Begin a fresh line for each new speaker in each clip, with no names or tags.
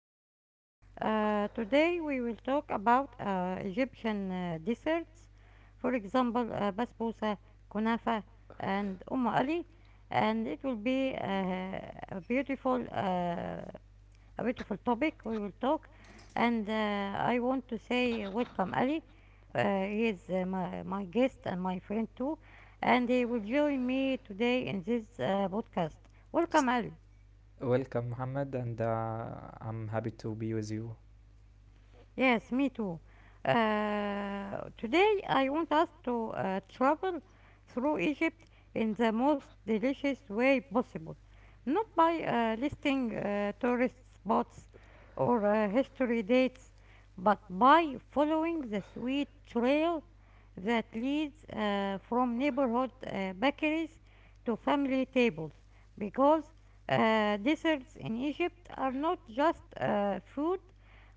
podcast. Today we will talk about Egyptian desserts, for example, basbousa, kunafa, and ali, and it will be a beautiful, uh, a beautiful topic we will talk. And I want to say welcome Ali. He is my guest and my friend too, and he will join me today in this podcast.
S-
Welcome Ali.
Ed. Muhammad, and I'm happy to be with you.
Yes, me too. Today I want us to travel through Egypt in the most delicious way possible, not by listing tourist spots or history dates, but by following the sweet trail that leads from neighborhood bakeries to family tables because desserts in Egypt are not just food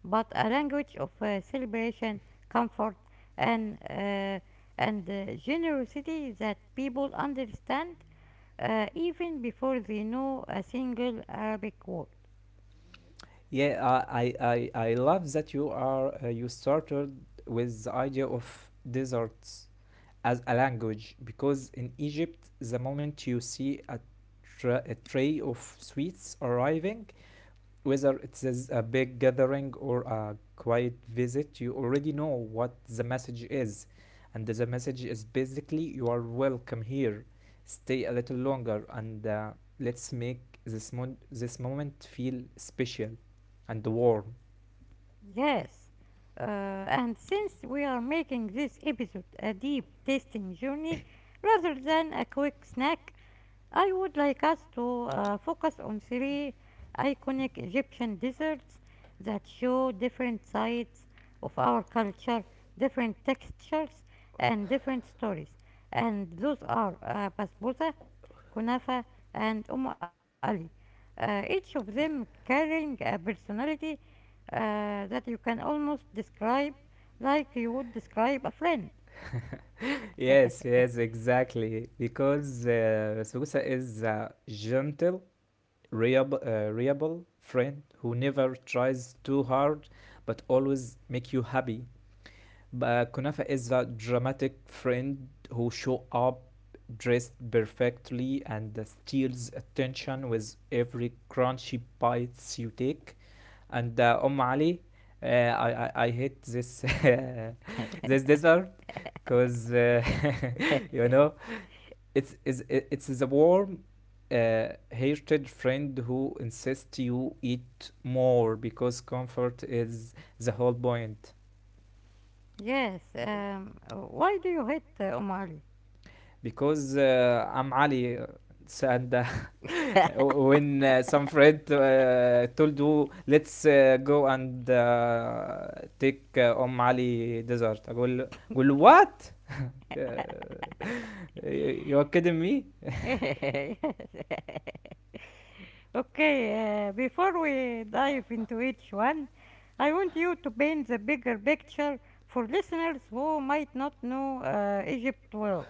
but a language of celebration, comfort, and uh, and generosity that people understand even before they know a single Arabic word.
Yeah, I love that you are you started with the idea of deserts as a language because in Egypt, the moment you see a tray of sweets arriving, whether it says a big gathering or a quiet visit, you already know what the message is. And the message is basically, you are welcome here. Stay a little longer and let's make this moment feel special and warm.
Yes. Uh, and since we are making this episode a deep tasting journey rather than a quick snack, I would like us to focus on three iconic Egyptian desserts that show different sides of our culture, different textures, and different stories. And those are Basbousa, Kunafa, and Ali. Each of them carrying a personality that you can almost describe like you would describe a friend.
Yes, yes, exactly. Because Susa is a gentle, reliable friend who never tries too hard but always make you happy. But Kunafa is a dramatic friend who shows up dressed perfectly and steals attention with every crunchy bites you take. And Ali, I hate this this dessert because you know it's the warm hated friend who insists you eat more because comfort is the whole point.
Yes, why do you hate Ali?
Because I'm Ali and when some friend told you let's go and take أم علي dessert I go. أقول what? Uh, you are kidding me?
Okay, before we dive into each one, I want you to paint the bigger picture for listeners who might not know Egypt well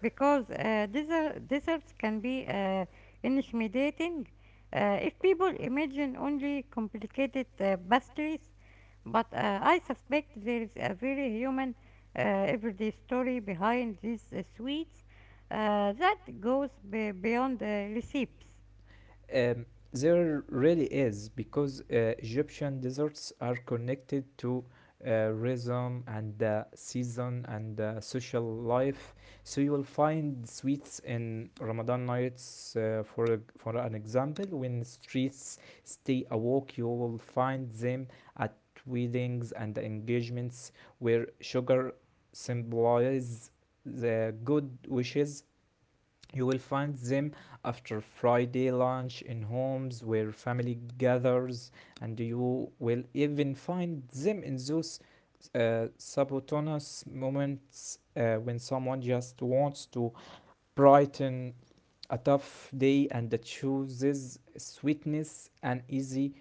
because deserts can be intimidating if people imagine only complicated pastries. But I suspect there is a very human, everyday story behind these sweets that goes beyond the recipes.
Um, there really is because Egyptian deserts are connected to rhythm and season and social life. So you will find sweets in Ramadan nights. For an example, when streets stay awake, you will find them at weddings and engagements where sugar symbolizes the good wishes. You will find them after Friday lunch in homes where family gathers, and you will even find them in those subautonomous moments when someone just wants to brighten a tough day and chooses sweetness and easy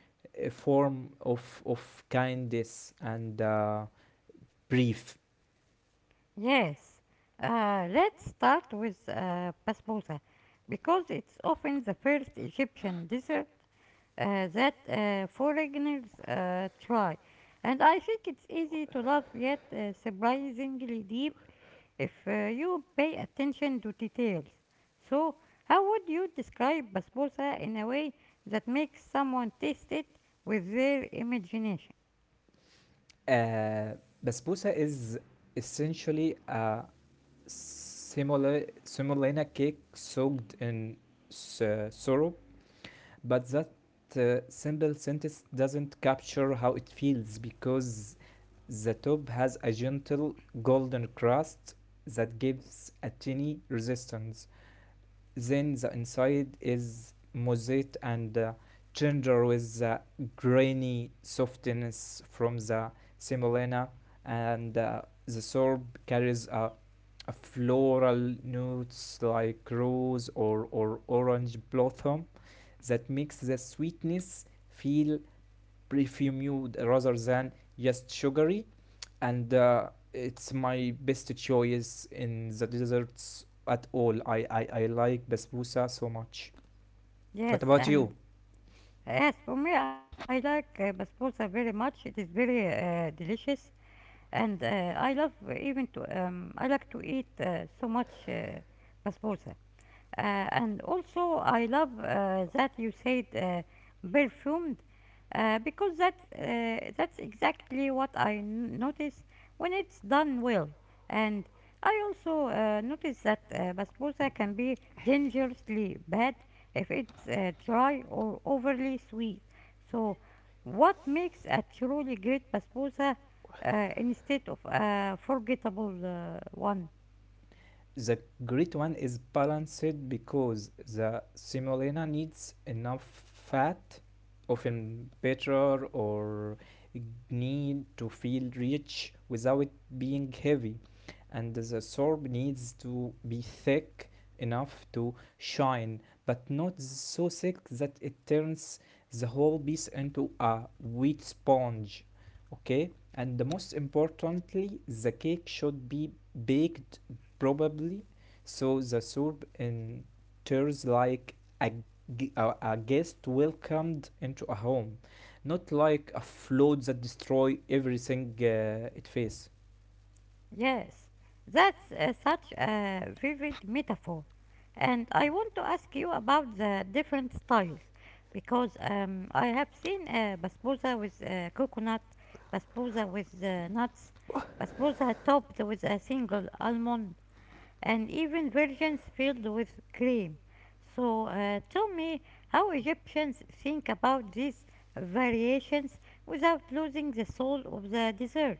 form of kindness and brief.
Yes, let's start with basbousa because it's often the first Egyptian dessert that foreigners try. And I think it's easy to love, yet surprisingly deep, if you pay attention to details. So, how would you describe basbousa in a way that makes someone taste it with their imagination?
Uh, Basbousa is essentially a semolina cake soaked in s- sorrow, but that simple sentence doesn't capture how it feels because the top has a gentle golden crust that gives a tiny resistance. Then the inside is moist and tender with the grainy softness from the semolina, and the syrup carries a floral notes like rose or orange blossom that makes the sweetness feel perfumed rather than just sugary. And it's my best choice in the desserts at all. I like basbousa so much. What
Yes,
about you?
and as for me, I like basbousa very much. It is very delicious, and I love even to I like to eat so much basbousa. Uh, and also, I love that you said perfumed because that's exactly what I notice when it's done well. And I also notice that basbousa can be dangerously bad if it's dry or overly sweet. So, what makes a truly great basbousa instead of a forgettable one?
The great one is balanced because the semolina needs enough fat, often butter or need to feel rich without being heavy, and the sorb needs to be thick enough to shine, but not so thick that it turns the whole piece into a wheat sponge. Okay, and the most importantly, the cake should be baked probably so the soup enters like a, a guest welcomed into a home, not like a flood that destroy everything it faces.
Yes, that's such a vivid metaphor. And I want to ask you about the different styles because I have seen basbousa with coconut, basbousa with nuts, basbousa topped with a single almond, and even versions filled with cream. So tell me how Egyptians think about these variations without losing the soul of the dessert.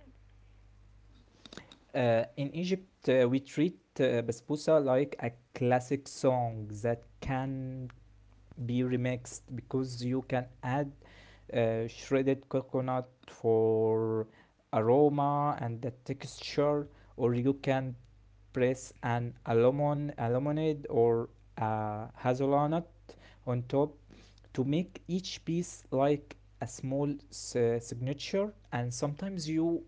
In Egypt, we treat basbousa like a classic song that can be remixed because you can add shredded coconut for aroma and the texture, or you can press almond or a hazelnut on top to make each piece like a small signature. And sometimes you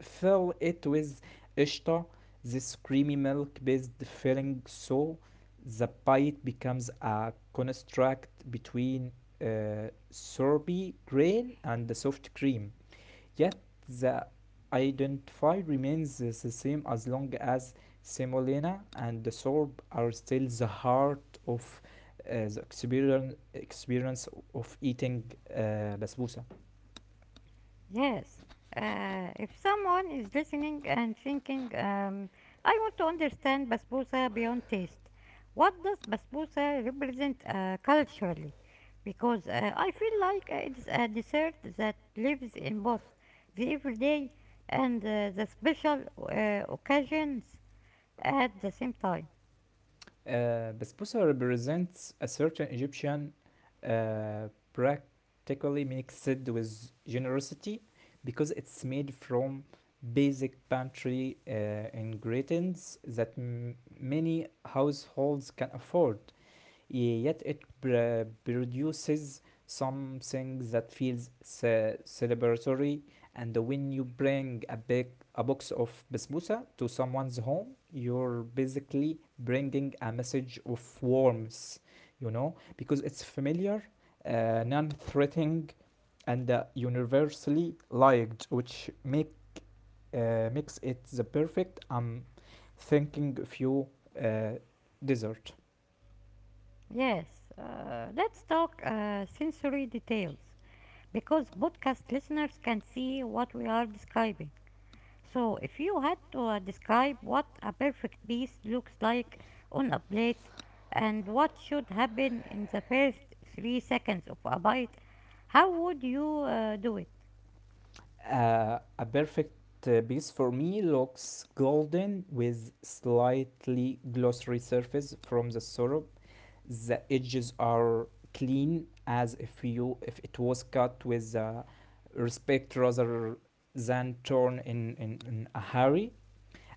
fill it with ishta, this creamy milk based filling, so the bite becomes a construct between sorbet grain and the soft cream. Yet the identity remains the same as long as semolina and the sorb are still the heart of the experience of eating basbousa.
Yes. If someone is listening and thinking, I want to understand basbousa beyond taste, what does basbousa represent culturally? Because I feel like it's a dessert that lives in both the everyday and the special occasions at the same time.
Basbousa represents a certain Egyptian practically mixed with generosity because it's made from basic pantry ingredients that many households can afford. Yet it produces something that feels celebratory. And when you bring a big a box of basbousa to someone's home, you're basically bringing a message of warmth, you know, because it's familiar, non-threatening, and universally liked, which makes it the perfect thinking few you dessert.
Yes, let's talk sensory details because podcast listeners can see what we are describing. So, if you had to describe what a perfect piece looks like on a plate and what should happen in the first 3 seconds of a bite, how would you do it?
A perfect piece for me looks golden with slightly glossy surface from the syrup. The edges are clean as if you if it was cut with respect rather than torn in a hurry.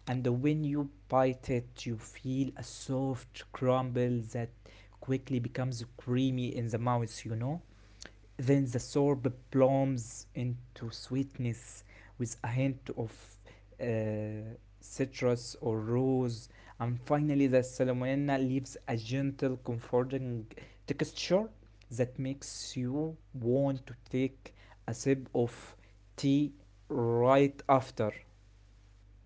And when you bite it, you feel a soft crumble that quickly becomes creamy in the mouth, you know? Then the sorb blooms into sweetness with a hint of citrus or rose. And finally, the salmonella leaves a gentle, comforting texture that makes you want to take a sip of tea right after.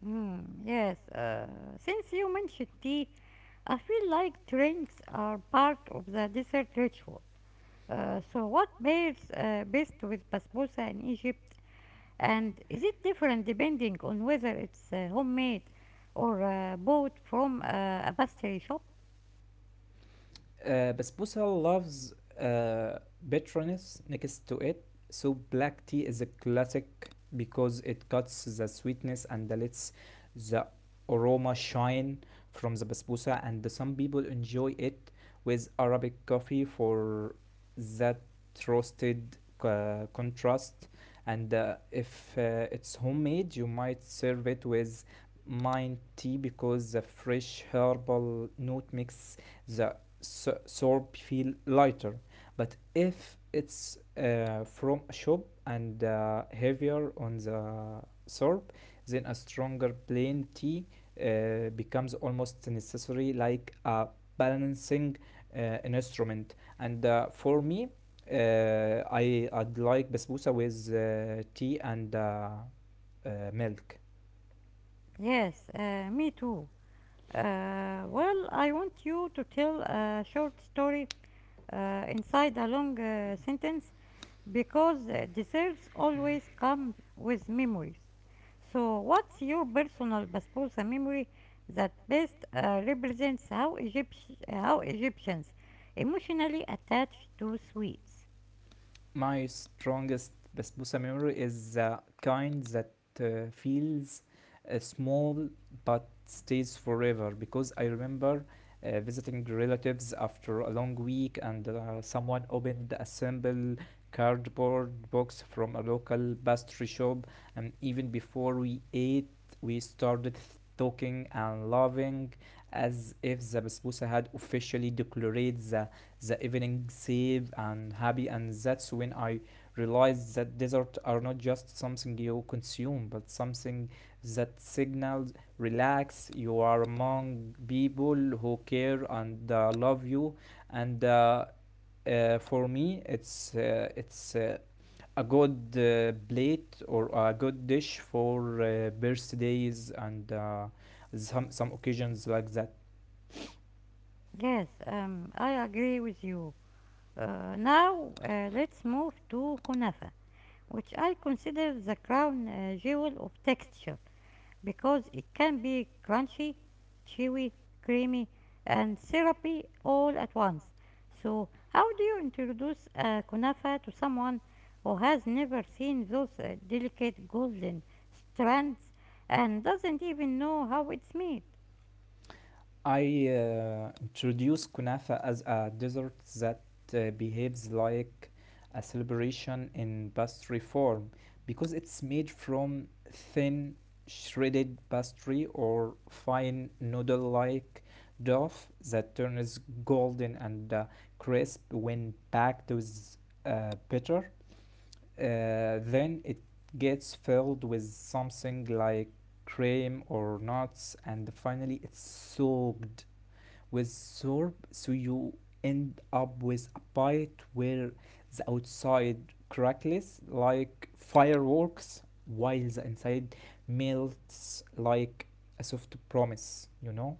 Hmm, yes, since you mentioned tea, I feel like drinks are part of the dessert ritual. So, what pairs best with basbousa in Egypt? And is it different depending on whether it's homemade or bought from a pastry shop?
Basbousa loves uh, bitterness next to it, so black tea is a classic because it cuts the sweetness and lets the aroma shine from the basbousa. And some people enjoy it with Arabic coffee for that roasted contrast. And if it's homemade, you might serve it with mint tea because the fresh herbal note makes the soap feel lighter. But if it's from a shop and heavier on the soap, then a stronger plain tea becomes almost necessary, like a balancing uh, an instrument. And for me, I I'd like basbousa with tea and milk.
Yes, me too. Well, I want you to tell a short story inside a long sentence because desserts always come with memories. So, what's your personal basbousa memory that best represents how Egyptians emotionally attach to sweets?
My strongest basbousa memory is the kind that feels small but stays forever because I remember visiting relatives after a long week, and someone opened a simple cardboard box from a local pastry shop. And even before we ate, we started talking and laughing as if the basbousa had officially declared the evening safe and happy. And that's when I realized that desserts are not just something you consume but something that signals relax, you are among people who care and love you. And for me it's a good plate or a good dish for birthdays and some occasions like that.
Yes, I agree with you. Now, let's move to kunafa, which I consider the crown jewel of texture because it can be crunchy, chewy, creamy, and syrupy all at once. So, how do you introduce kunafa to someone who has never seen those delicate golden strands and doesn't even know how it's made?
I introduce kunafa as a dessert that behaves like a celebration in pastry form because it's made from thin shredded pastry or fine noodle like dough that turns golden and crisp when packed with butter. Then it gets filled with something like cream or nuts, and finally it's soaked with syrup, so you end up with a bite where the outside crackles like fireworks, while the inside melts like a soft promise, you know?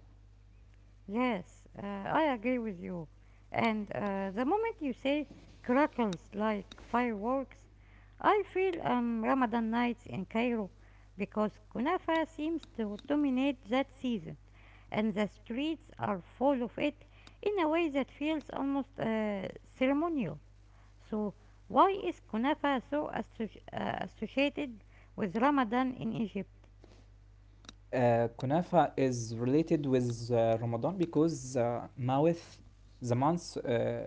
Yes, I agree with you. And the moment you say crackles like fireworks, I feel Ramadan nights in Cairo because kunafa seems to dominate that season and the streets are full of it in a way that feels almost ceremonial. So, why is kunafa so associated with Ramadan in Egypt?
Kunafa is related with Ramadan because mouth, the month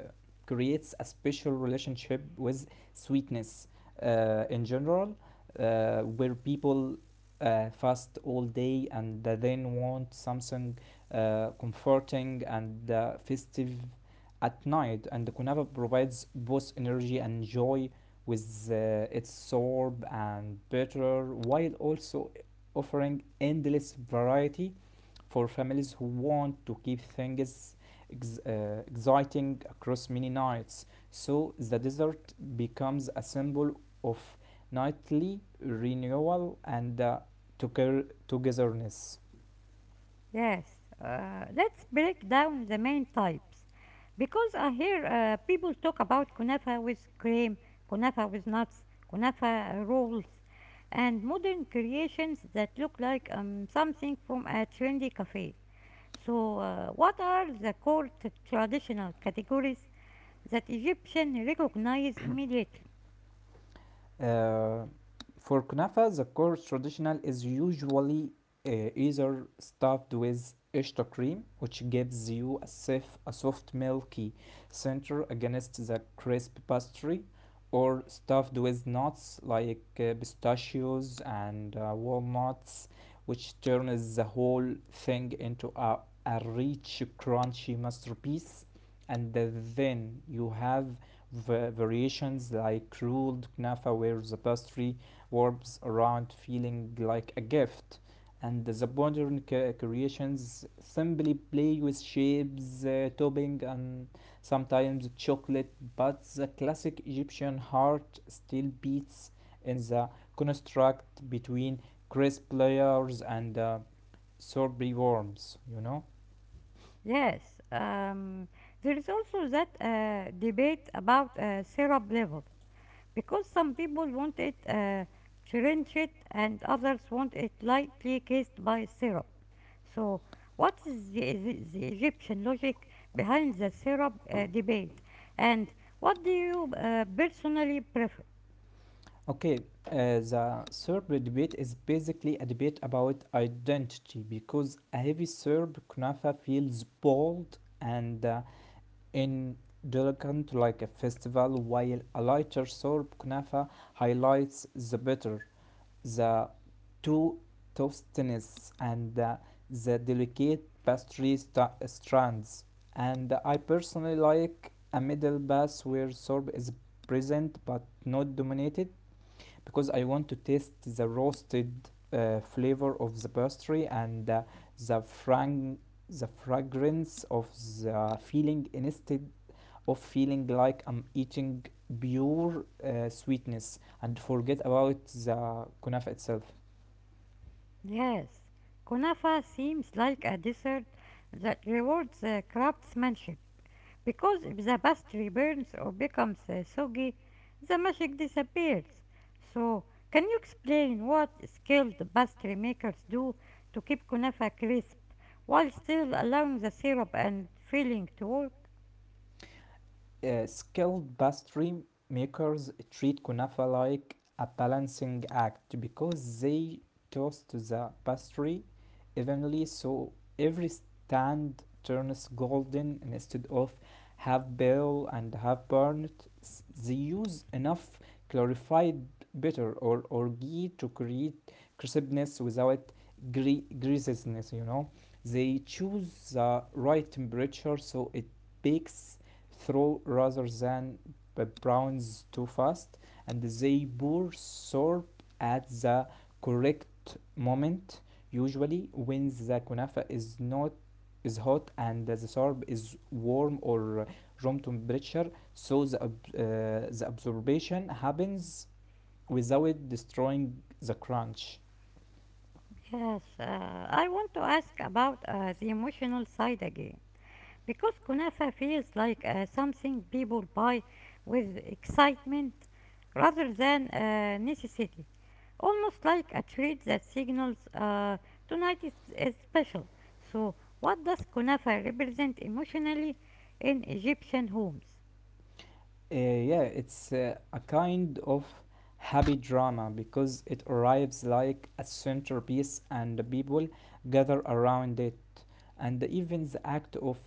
creates a special relationship with sweetness in general, where people fast all day and then want something comforting and festive at night. And the kunafa provides both energy and joy with its sorb and bitter, while also offering endless variety for families who want to keep things exciting across many nights. So the dessert becomes a symbol of nightly renewal and togetherness.
Yes, let's break down the main types because I hear people talk about kunafa with cream, kunafa with nuts, kunafa rolls, and modern creations that look like something from a trendy cafe. So, what are the core traditional categories that Egyptians recognize immediately?
Uh, for kunafa, the course traditional is usually either stuffed with ishta cream, which gives you a soft milky center against the crisp pastry, or stuffed with nuts like pistachios and walnuts, which turns the whole thing into a rich, crunchy masterpiece. And then you have variations like ruled knafa where the pastry warps around feeling like a gift, and the modern creations simply play with shapes, topping, and sometimes chocolate, but the classic Egyptian heart still beats in the construct between crisp layers and sorbet worms, you know.
Yes, there is also that debate about syrup level, because some people want it and others want it lightly kissed by syrup. So, what is the, the Egyptian logic behind the syrup debate? And what do you personally prefer?
Okay, the Serb debate is basically a debate about identity because a heavy Serb kunafa feels bold and indulgent like a festival, while a lighter Serb kunafa highlights the bitter, the two toastiness, and the delicate pastry strands. And I personally like a middle pass where Serb is present but not dominated because I want to taste the roasted flavor of the pastry and the frang the fragrance of the filling instead of feeling like I'm eating pure sweetness and forget about the kunafa itself.
Yes, kunafa seems like a dessert that rewards craftsmanship, because if the pastry burns or becomes soggy, the magic disappears. So, can you explain what skilled pastry makers do to keep kunafa crisp while still allowing the syrup and filling to work?
Skilled pastry makers treat kunafa like a balancing act because they toast the pastry evenly so every stand turns golden instead of half pale and half burnt. They use enough clarified butter or ghee to create crispness without greasiness, you know. They choose the right temperature so it bakes throw rather than browns too fast, and they pour syrup at the correct moment, usually when the kunafa is not is hot and the syrup is warm or room temperature so the absorption happens without destroying the crunch.
Yes, I want to ask about the emotional side again, because kunafa feels like something people buy with excitement rather than necessity, almost like a treat that signals tonight is special. So, what does kunafa represent emotionally in Egyptian homes?
Yeah, it's a kind of happy drama because it arrives like a centerpiece and the people gather around it. And even the act of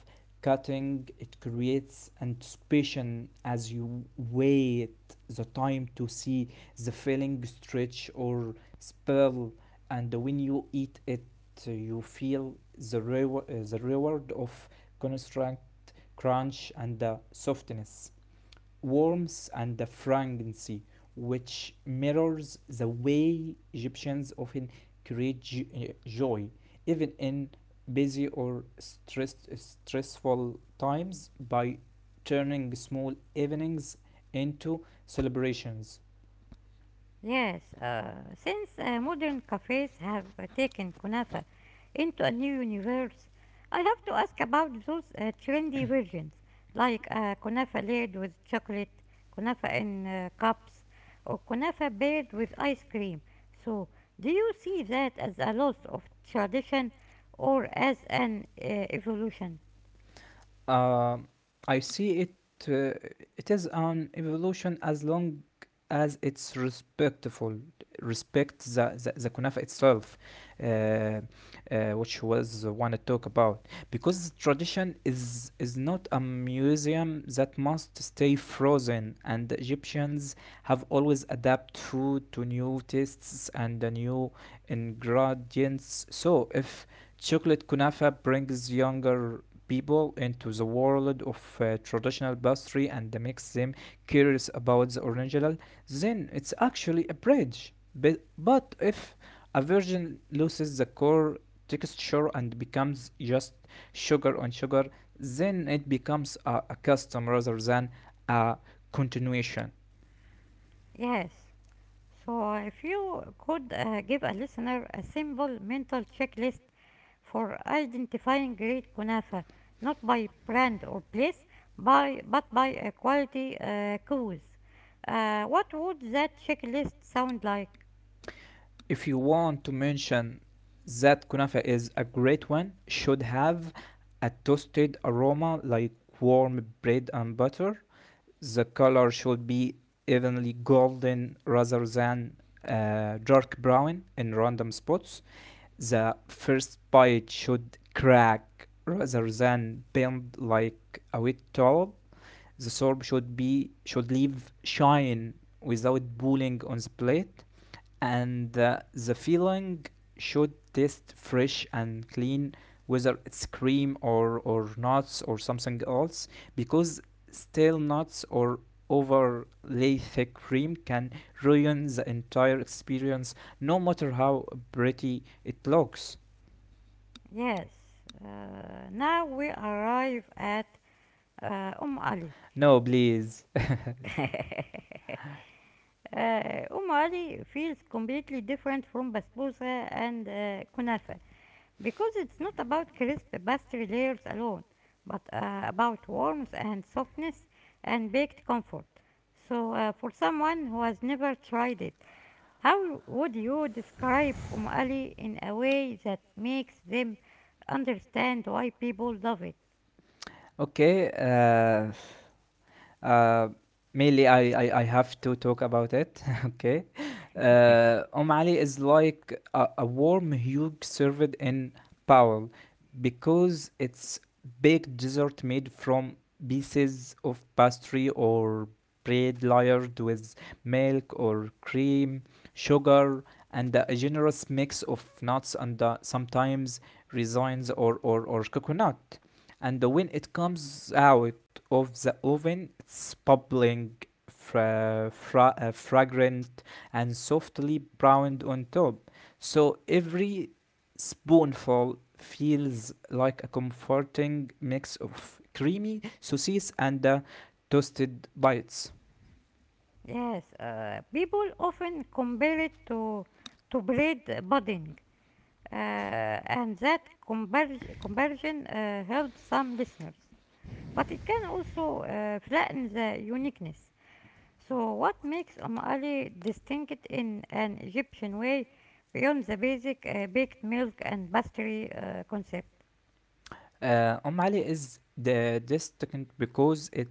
cutting it creates anticipation as you wait the time to see the filling stretch or spill. And when you eat it, you feel the, the reward of construct crunch and the softness warmth and the fragrancy, which mirrors the way Egyptians often create joy, even in busy or stressful times, by turning small evenings into celebrations.
Yes, since modern cafes have taken kunafa into a new universe, I have to ask about those trendy versions, like kunafa layered with chocolate, kunafa in cups, or kunafa paired with ice cream. So, do you see that as a loss of tradition or as an evolution?
Um, I see it. Uh, it is an evolution as long as it's respectful, respect the kunafa itself, uh, uh, which was the one I talk about. Because tradition is not a museum that must stay frozen, and the Egyptians have always adapted food to new tastes and the new ingredients. So if chocolate kunafa brings younger people into the world of traditional pastry and makes them curious about the original, then it's actually a bridge. But if a virgin loses the core texture and becomes just sugar on sugar, then it becomes a custom rather than a continuation.
Yes. So, if you could give a listener a simple mental checklist for identifying great kunafa not by brand or place by, but by a quality cause. What would that checklist sound like?
If you want to mention that kunafa is a great one, should have a toasted aroma like warm bread and butter. The color should be evenly golden rather than dark brown in random spots. The first bite should crack rather than bend like a wet towel. The sorb should leave shine without pooling on the plate, and the filling should taste fresh and clean whether it's cream or nuts or something else, because stale nuts or overly thick cream can ruin the entire experience no matter how pretty it looks.
Yes, uh, now we arrive at Ali.
No, please.
Um Ali feels completely different from basbousa and kunafa, because it's not about crisp pastry layers alone, but about warmth and softness and baked comfort. So, for someone who has never tried it, how would you describe Ali in a way that makes them understand why people love it?
Okay. Uh, Mainly, I have to talk about it. Okay. Ali is like a warm hug served in Powell, because it's baked dessert made from pieces of pastry or bread layered with milk or cream, sugar, and a generous mix of nuts and sometimes raisins or coconut. And when it comes out of the oven, it's bubbling, fragrant, and softly browned on top. So every spoonful feels like a comforting mix of creamy sauces and toasted bites.
Yes, people often compare it to bread budding, and that conversion helps some listeners. But it can also flatten the uniqueness. So, what makes Omali distinct in an Egyptian way beyond the basic baked milk and pastry concept?
Om Ali is the distinct because it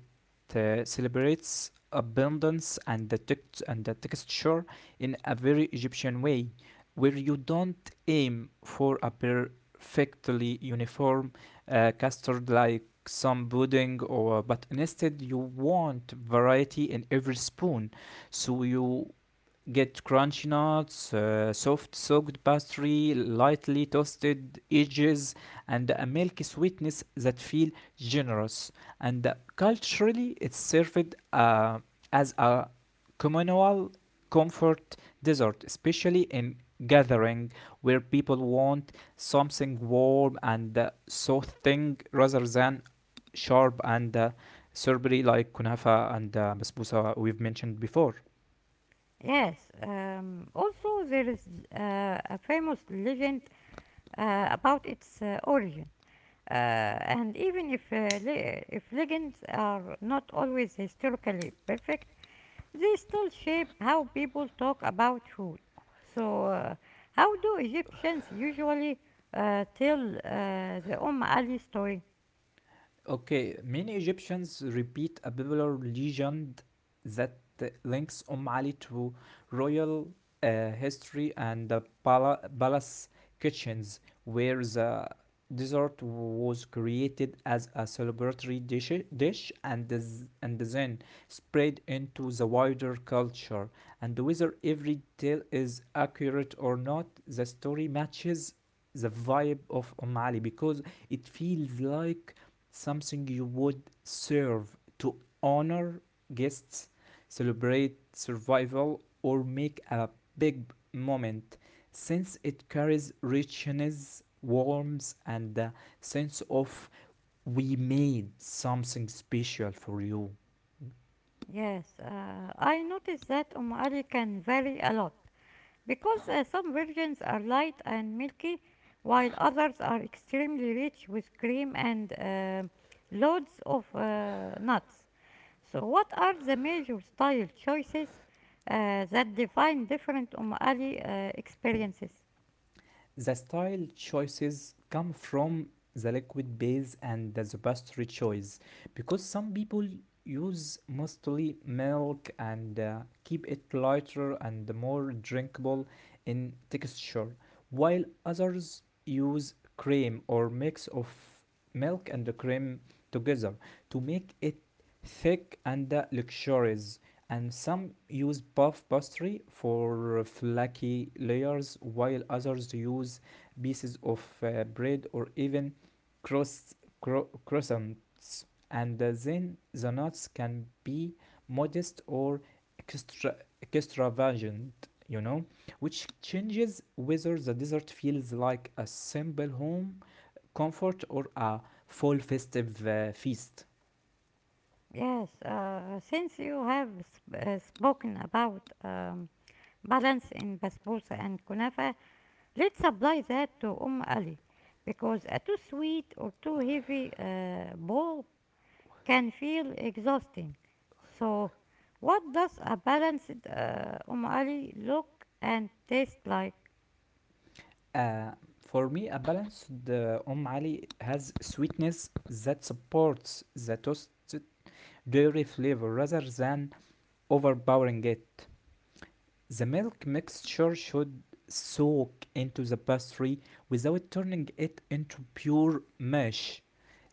celebrates abundance and the texture in a very Egyptian way, where you don't aim for a perfectly uniform custard like some pudding or, but instead you want variety in every spoon, so you get crunchy nuts, soft soaked pastry, lightly toasted edges, and a milky sweetness that feel generous. And culturally, it's served as a communal comfort dessert, especially in gathering where people want something warm and soothing rather than sharp and syrupy like kunafa and basbousa we've mentioned before.
Yes, also, there is a famous legend about its origin. And even if legends are not always historically perfect, they still shape how people talk about food. So, how do Egyptians usually tell the Ali story?
Okay, many Egyptians repeat a popular legend that links Ali to royal history and the palace kitchens, where the dessert was created as a celebratory dish and then spread into the wider culture. And whether every tale is accurate or not, the story matches the vibe of Ali because it feels like something you would serve to honor guests, celebrate survival, or make a big moment, since it carries richness, warmth, and a sense of we made something special for you.
Yes, I noticed that Ali can vary a lot because some versions are light and milky, while others are extremely rich with cream and loads of nuts. So, what are the major style choices that define different Ali experiences?
The style choices come from the liquid base and the pastry choice, because some people use mostly milk and keep it lighter and more drinkable in texture, while others use cream or mix of milk and cream together to make it thick and luxurious, and some use puff pastry for flaky layers while others use pieces of bread or even croissants. And then the nuts can be modest or extra extravagant, you know, which changes whether the dessert feels like a simple home comfort or a full festive feast.
Yes, since you have spoken about balance in basbousa and kunafa, let's apply that to Ali because a too sweet or too heavy bowl can feel exhausting. So, what does a balanced Ali look and taste like?
Uh, for me, a balanced umali has sweetness that supports the toasted dairy flavor rather than overpowering it. The milk mixture should soak into the pastry without turning it into pure mush.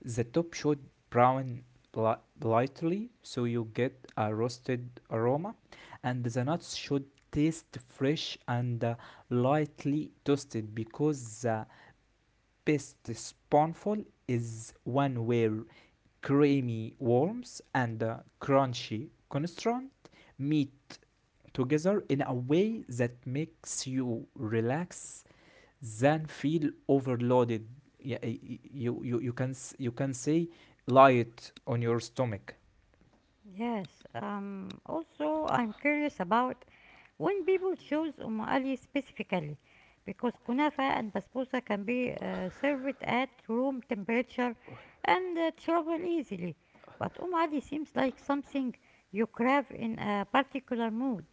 The top should brown li- lightly so you get a roasted aroma, and the nuts should taste fresh and lightly toasted, because the best spoonful is one where creamy worms and crunchy constant meet together in a way that makes you relax than feel overloaded. Yeah, you, you, you, can, you can say lie it on your stomach.
Yes, also I'm curious about when people choose Ali specifically, because kunafa and basbousa can be served at room temperature and travel easily, but Ali seems like something you crave in a particular mood.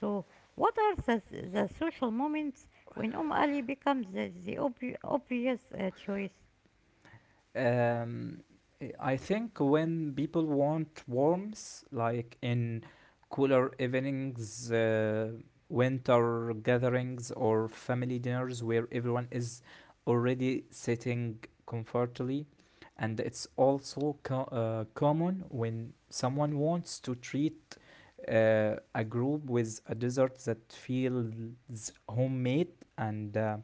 So, what are the social moments when Ali becomes the obvi- obvious choice?
Um, I think when people want warmth, like in cooler evenings, winter gatherings, or family dinners where everyone is already sitting comfortably, and it's also common when someone wants to treat a group with a dessert that feels homemade and uh,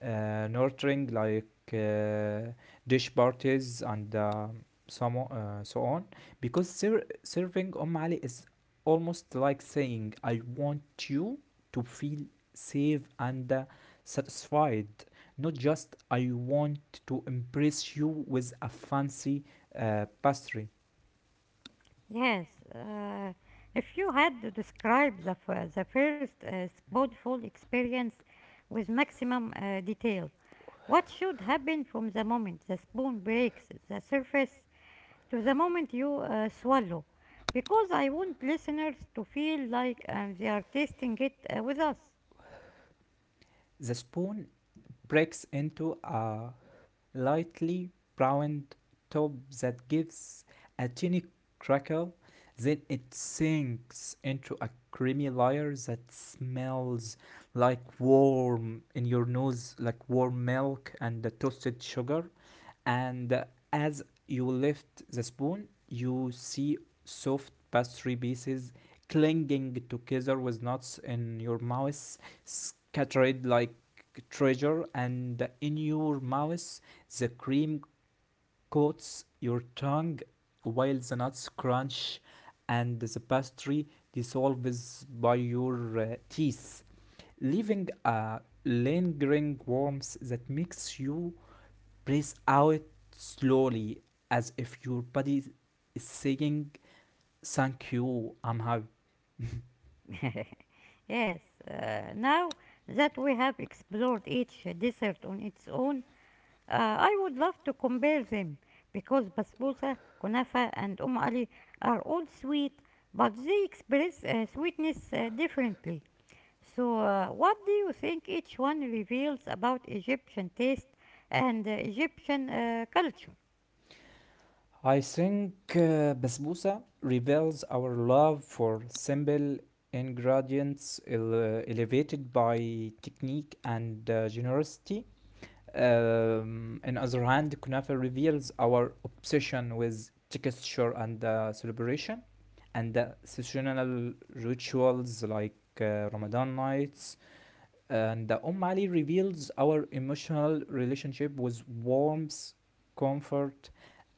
uh, nurturing like dish parties and so on, because serving Ali is almost like saying I want you to feel safe and satisfied, not just I want to impress you with a fancy pastry.
Yes, uh, if you had to describe the first spotful experience with maximum detail, what should happen from the moment the spoon breaks the surface to the moment you swallow? Because I want listeners to feel like they are tasting it with us.
The spoon breaks into a lightly browned top that gives a tiny crackle. Then it sinks into a creamy layer that smells like warm in your nose, like warm milk and the toasted sugar. And as you lift the spoon, you see soft pastry pieces clinging together with nuts in your mouth, scattered like treasure, and in your mouth, the cream coats your tongue while the nuts crunch and the pastry dissolves by your teeth, leaving a lingering warmth that makes you breathe out slowly as if your body is saying, thank you, I'm happy.
Yes, now that we have explored each dessert on its own, I would love to compare them because basbousa, kunafa, and ali are all sweet, but they express sweetness differently. So, what do you think each one reveals about Egyptian taste and Egyptian culture?
I think basbousa reveals our love for simple ingredients elevated by technique and generosity. On the other hand, kunafa reveals our obsession with texture and celebration, and seasonal rituals like Ramadan nights. And the Ali reveals our emotional relationship with warmth, comfort,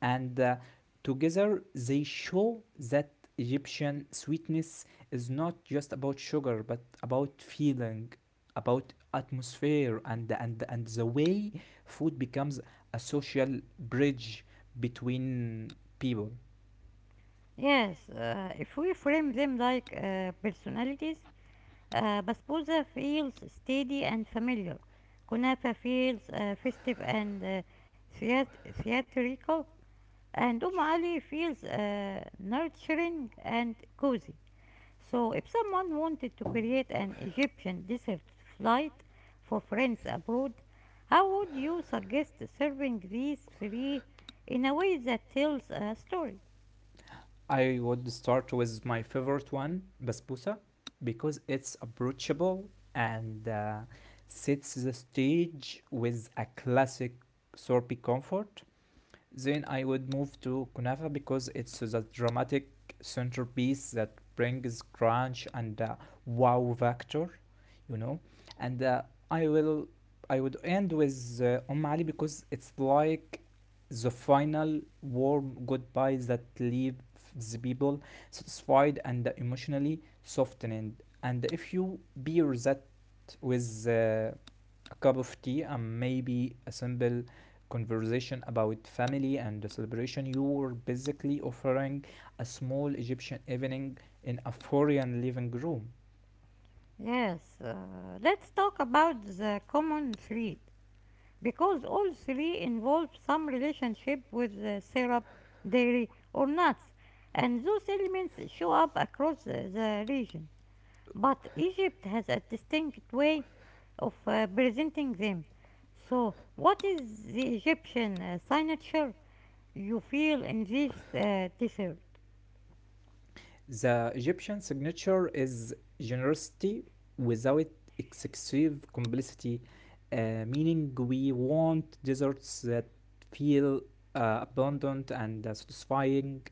and together they show that Egyptian sweetness is not just about sugar but about feeling, about atmosphere, and, the way food becomes a social bridge between people.
Yes, if we frame them like personalities, Basbousa feels steady and familiar. Kunafa feels festive and theatrical. And Ali feels nurturing and cozy. So, if someone wanted to create an Egyptian dessert flight for friends abroad, how would you suggest serving these three in a way that tells a story?
I would start with my favorite one, basbousa, because it's approachable and sets the stage with a classic sorbet comfort. Then I would move to kunafa because it's the dramatic centerpiece that brings crunch and wow factor, you know. And i will I would end with ali because it's like the final warm goodbye that leaves the people satisfied and emotionally softened. And if you pair that with a cup of tea and maybe a simple conversation about family and the celebration, you were basically offering a small Egyptian evening in a foreign living room.
Yes, let's talk about the common thread because all three involve some relationship with syrup, dairy, or nuts, and those elements show up across the region. But Egypt has a distinct way of presenting them. So, what is the Egyptian signature you feel in this dessert?
The Egyptian signature is generosity without excessive complicity, meaning we want desserts that feel abundant and satisfying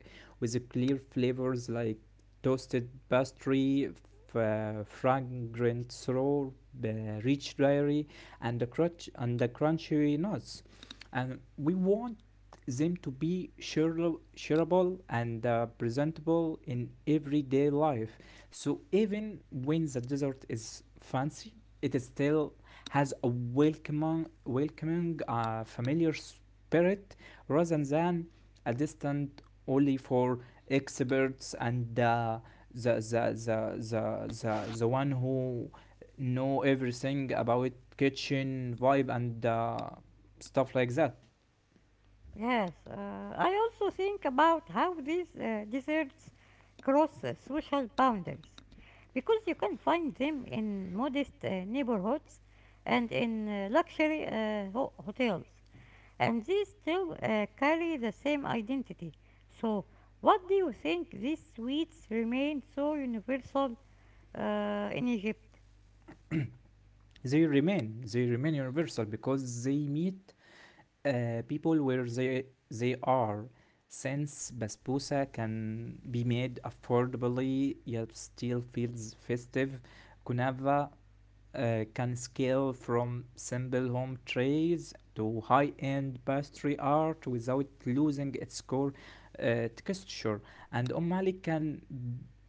with clear flavors like toasted pastry, fragrant syrup, uh, rich dairy, and the crunchy nuts. And we want them to be shareable and presentable in everyday life. So even when the desert is fancy, it is still has a welcoming, familiar spirit rather than a distant only for experts and the, the, the, the, the one who know everything about kitchen vibe and stuff like that.
Yes, I also think about how these desserts cross social boundaries because you can find them in modest neighborhoods and in luxury hotels, and these still carry the same identity. So, what do you think these sweets remain so universal in Egypt?
They remain universal because they meet people where they are, since basbousa can be made affordably yet still feels festive. Kunava can scale from simple home trays to high-end pastry art without losing its core texture. And umali can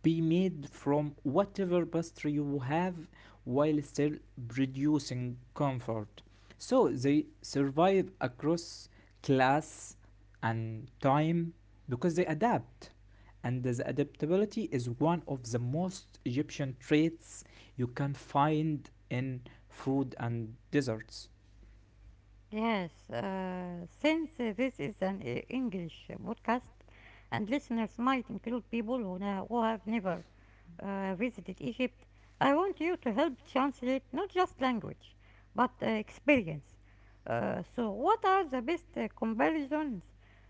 be made from whatever pastry you have while still producing comfort. So they survive across class and time because they adapt. And this adaptability is one of the most Egyptian traits you can find in food and desserts.
Yes, since this is an English podcast and listeners might include people who, who have never visited Egypt, I want you to help translate not just language but experience. So, what are the best comparisons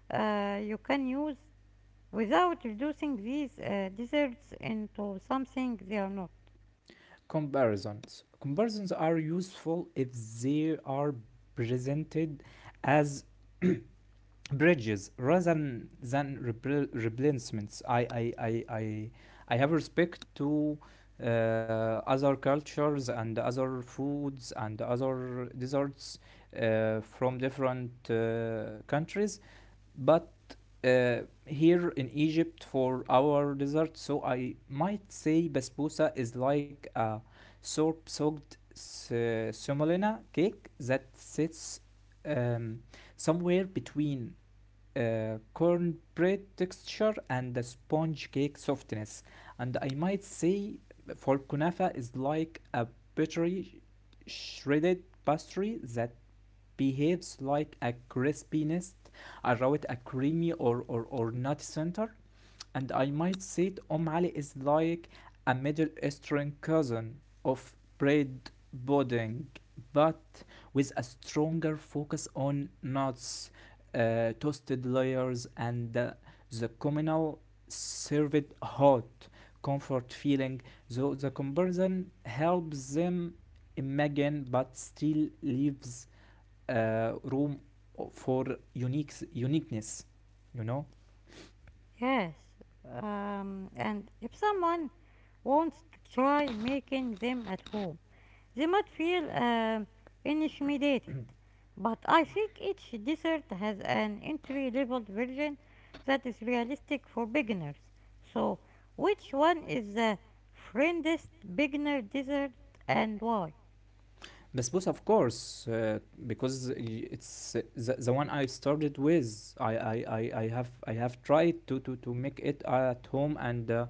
you can use without reducing these desserts into something they are not?
Comparisons. Comparisons are useful if they are presented as bridges rather than replacements. I have respect to uh, other cultures and other foods and other desserts from different countries. But uh, here in Egypt for our dessert, so I might say basbousa is like a soap soaked semolina cake that sits um, somewhere between cornbread texture and the sponge cake softness. And I might say for kunafa is like a buttery shredded pastry that behaves like a crispiness around a creamy or nutty center. And I might say it, Om Ali is like a Middle Eastern cousin of bread pudding, but with a stronger focus on nuts, toasted layers, and the communal served hot comfort feeling. So the comparison helps them imagine, but still leaves room for unique uniqueness, you know.
Yes, and if someone wants to try making them at home, they might feel intimidated. But I think each dessert has an entry level version that is realistic for beginners. So, which one is the friendest beginner dessert and why?
Basbousa of course, because it's the one I started with. I have tried to make it at home, and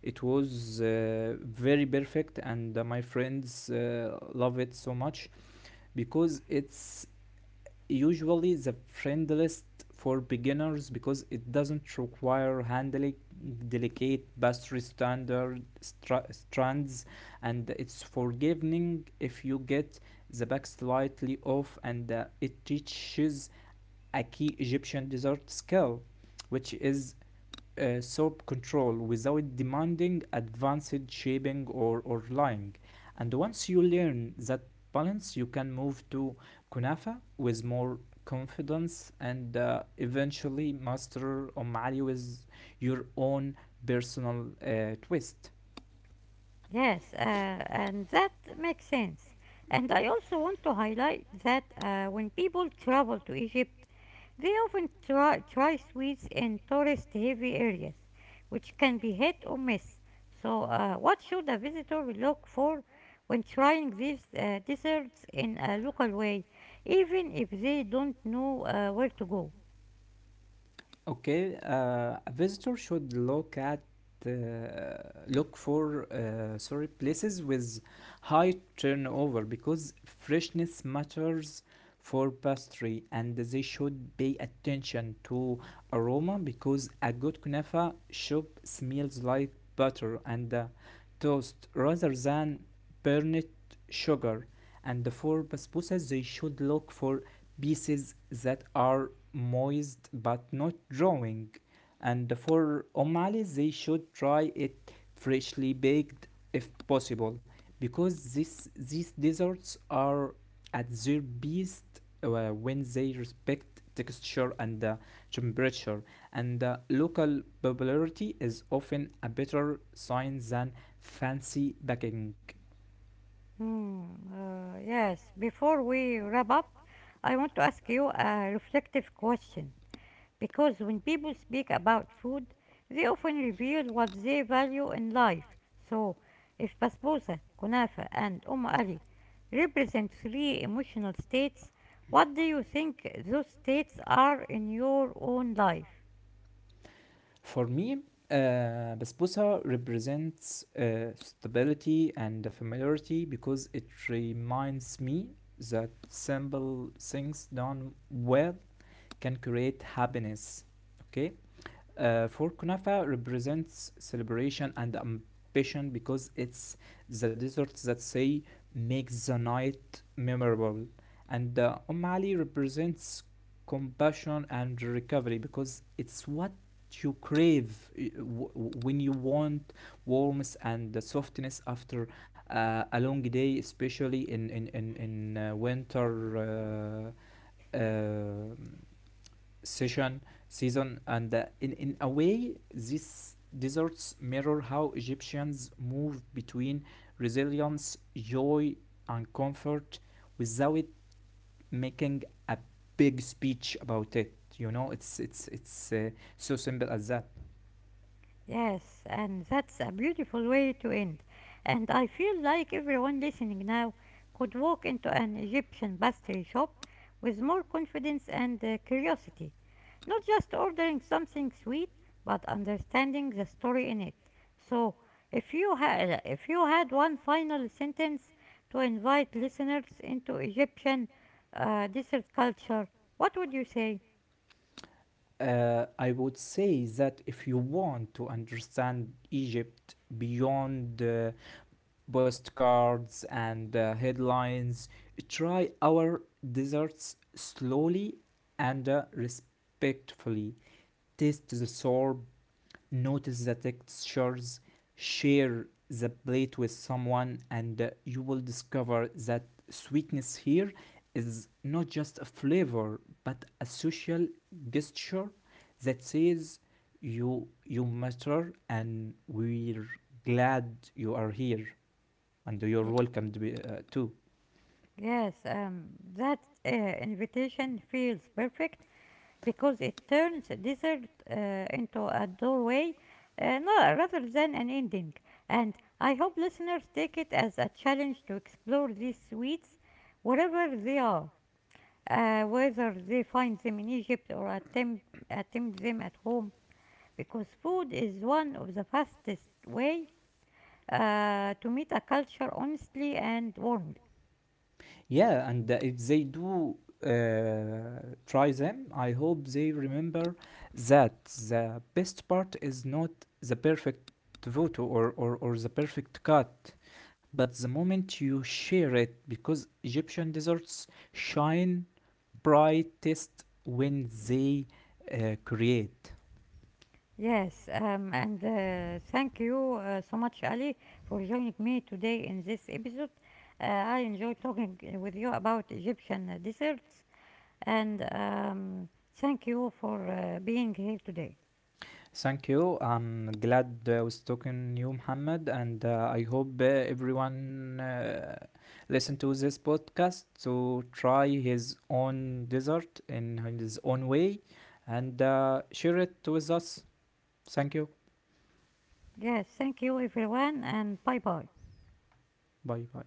it was very perfect, and my friends love it so much, because it's usually the friendliest for beginners because it doesn't require handling delicate pastry strands, and it's forgiving if you get the back slightly off, and it teaches a key Egyptian dessert skill, which is self control without demanding advanced shaping or lying. And once you learn that balance, you can move to Kunafa with more confidence and eventually master Omari with your own personal twist.
Yes, and that makes sense. And I also want to highlight that when people travel to Egypt, they often try sweets in tourist heavy areas, which can be hit or miss. So, what should a visitor look for when trying these desserts in a local way, even if they don't know where to go?
Okay, a visitor should uh, look for sorry places with high turnover because freshness matters for pastry, and they should pay attention to aroma because a good kunafa shop smells like butter and toast rather than burnt sugar. And for basbouses they should look for pieces that are moist but not drawing. And for omelet, they should try it freshly baked if possible, because this these desserts are at their best when they respect texture and temperature. And local popularity is often a better sign than fancy baking.
Hmm, yes, before we wrap up, I want to ask you a reflective question, because when people speak about food, they often reveal what they value in life. So, if basbousa, kunafa, and ali represent three emotional states, what do you think those states are in your own life?
For me, basbousa represents stability and familiarity because it reminds me that simple things done well can create happiness. Okay, for kunafa represents celebration and ambition because it's the dessert that say makes the night memorable. And Ali represents compassion and recovery because it's what you crave when you want warmth and the softness after a long day, especially in in winter uh, uh, session season. And in a way these deserts mirror how Egyptians move between resilience joy and comfort without making a big speech about it, you know. It's So simple as that.
Yes, and that's a beautiful way to end. And I feel like everyone listening now could walk into an Egyptian pastry shop with more confidence and curiosity. Not just ordering something sweet, but understanding the story in it. So, if you had one final sentence to invite listeners into Egyptian dessert culture, what would you say?
I would say that if you want to understand Egypt beyond postcards and headlines. Try our desserts slowly and respectfully. Taste the sorb, notice the textures, share the plate with someone, and you will discover that sweetness here is not just a flavor but a social gesture that says you you matter and we're glad you are here and you're
Y-
welcome to be, too.
Yes, that invitation feels perfect because it turns desert into a doorway no, rather than an ending. And I hope listeners take it as a challenge to explore these sweets wherever they are, whether they find them in Egypt or attempt them at home, because food is one of the fastest way to meet a culture honestly and warmly.
Yeah, and if they do try them, I hope they remember that the best part is not the perfect photo or the perfect cut, but the moment you share it, because Egyptian desserts shine brightest when they create.
Yes, and thank you so much, Ali, for joining me today in this episode. I enjoyed talking with you about Egyptian desserts, and thank you for being here today.
Thank you. I'm glad was talking you, Muhammad, and I hope everyone listen to this podcast to try his own dessert in his own way and share it with us. Thank you.
Yes, thank you, everyone, and bye bye.
Bye bye.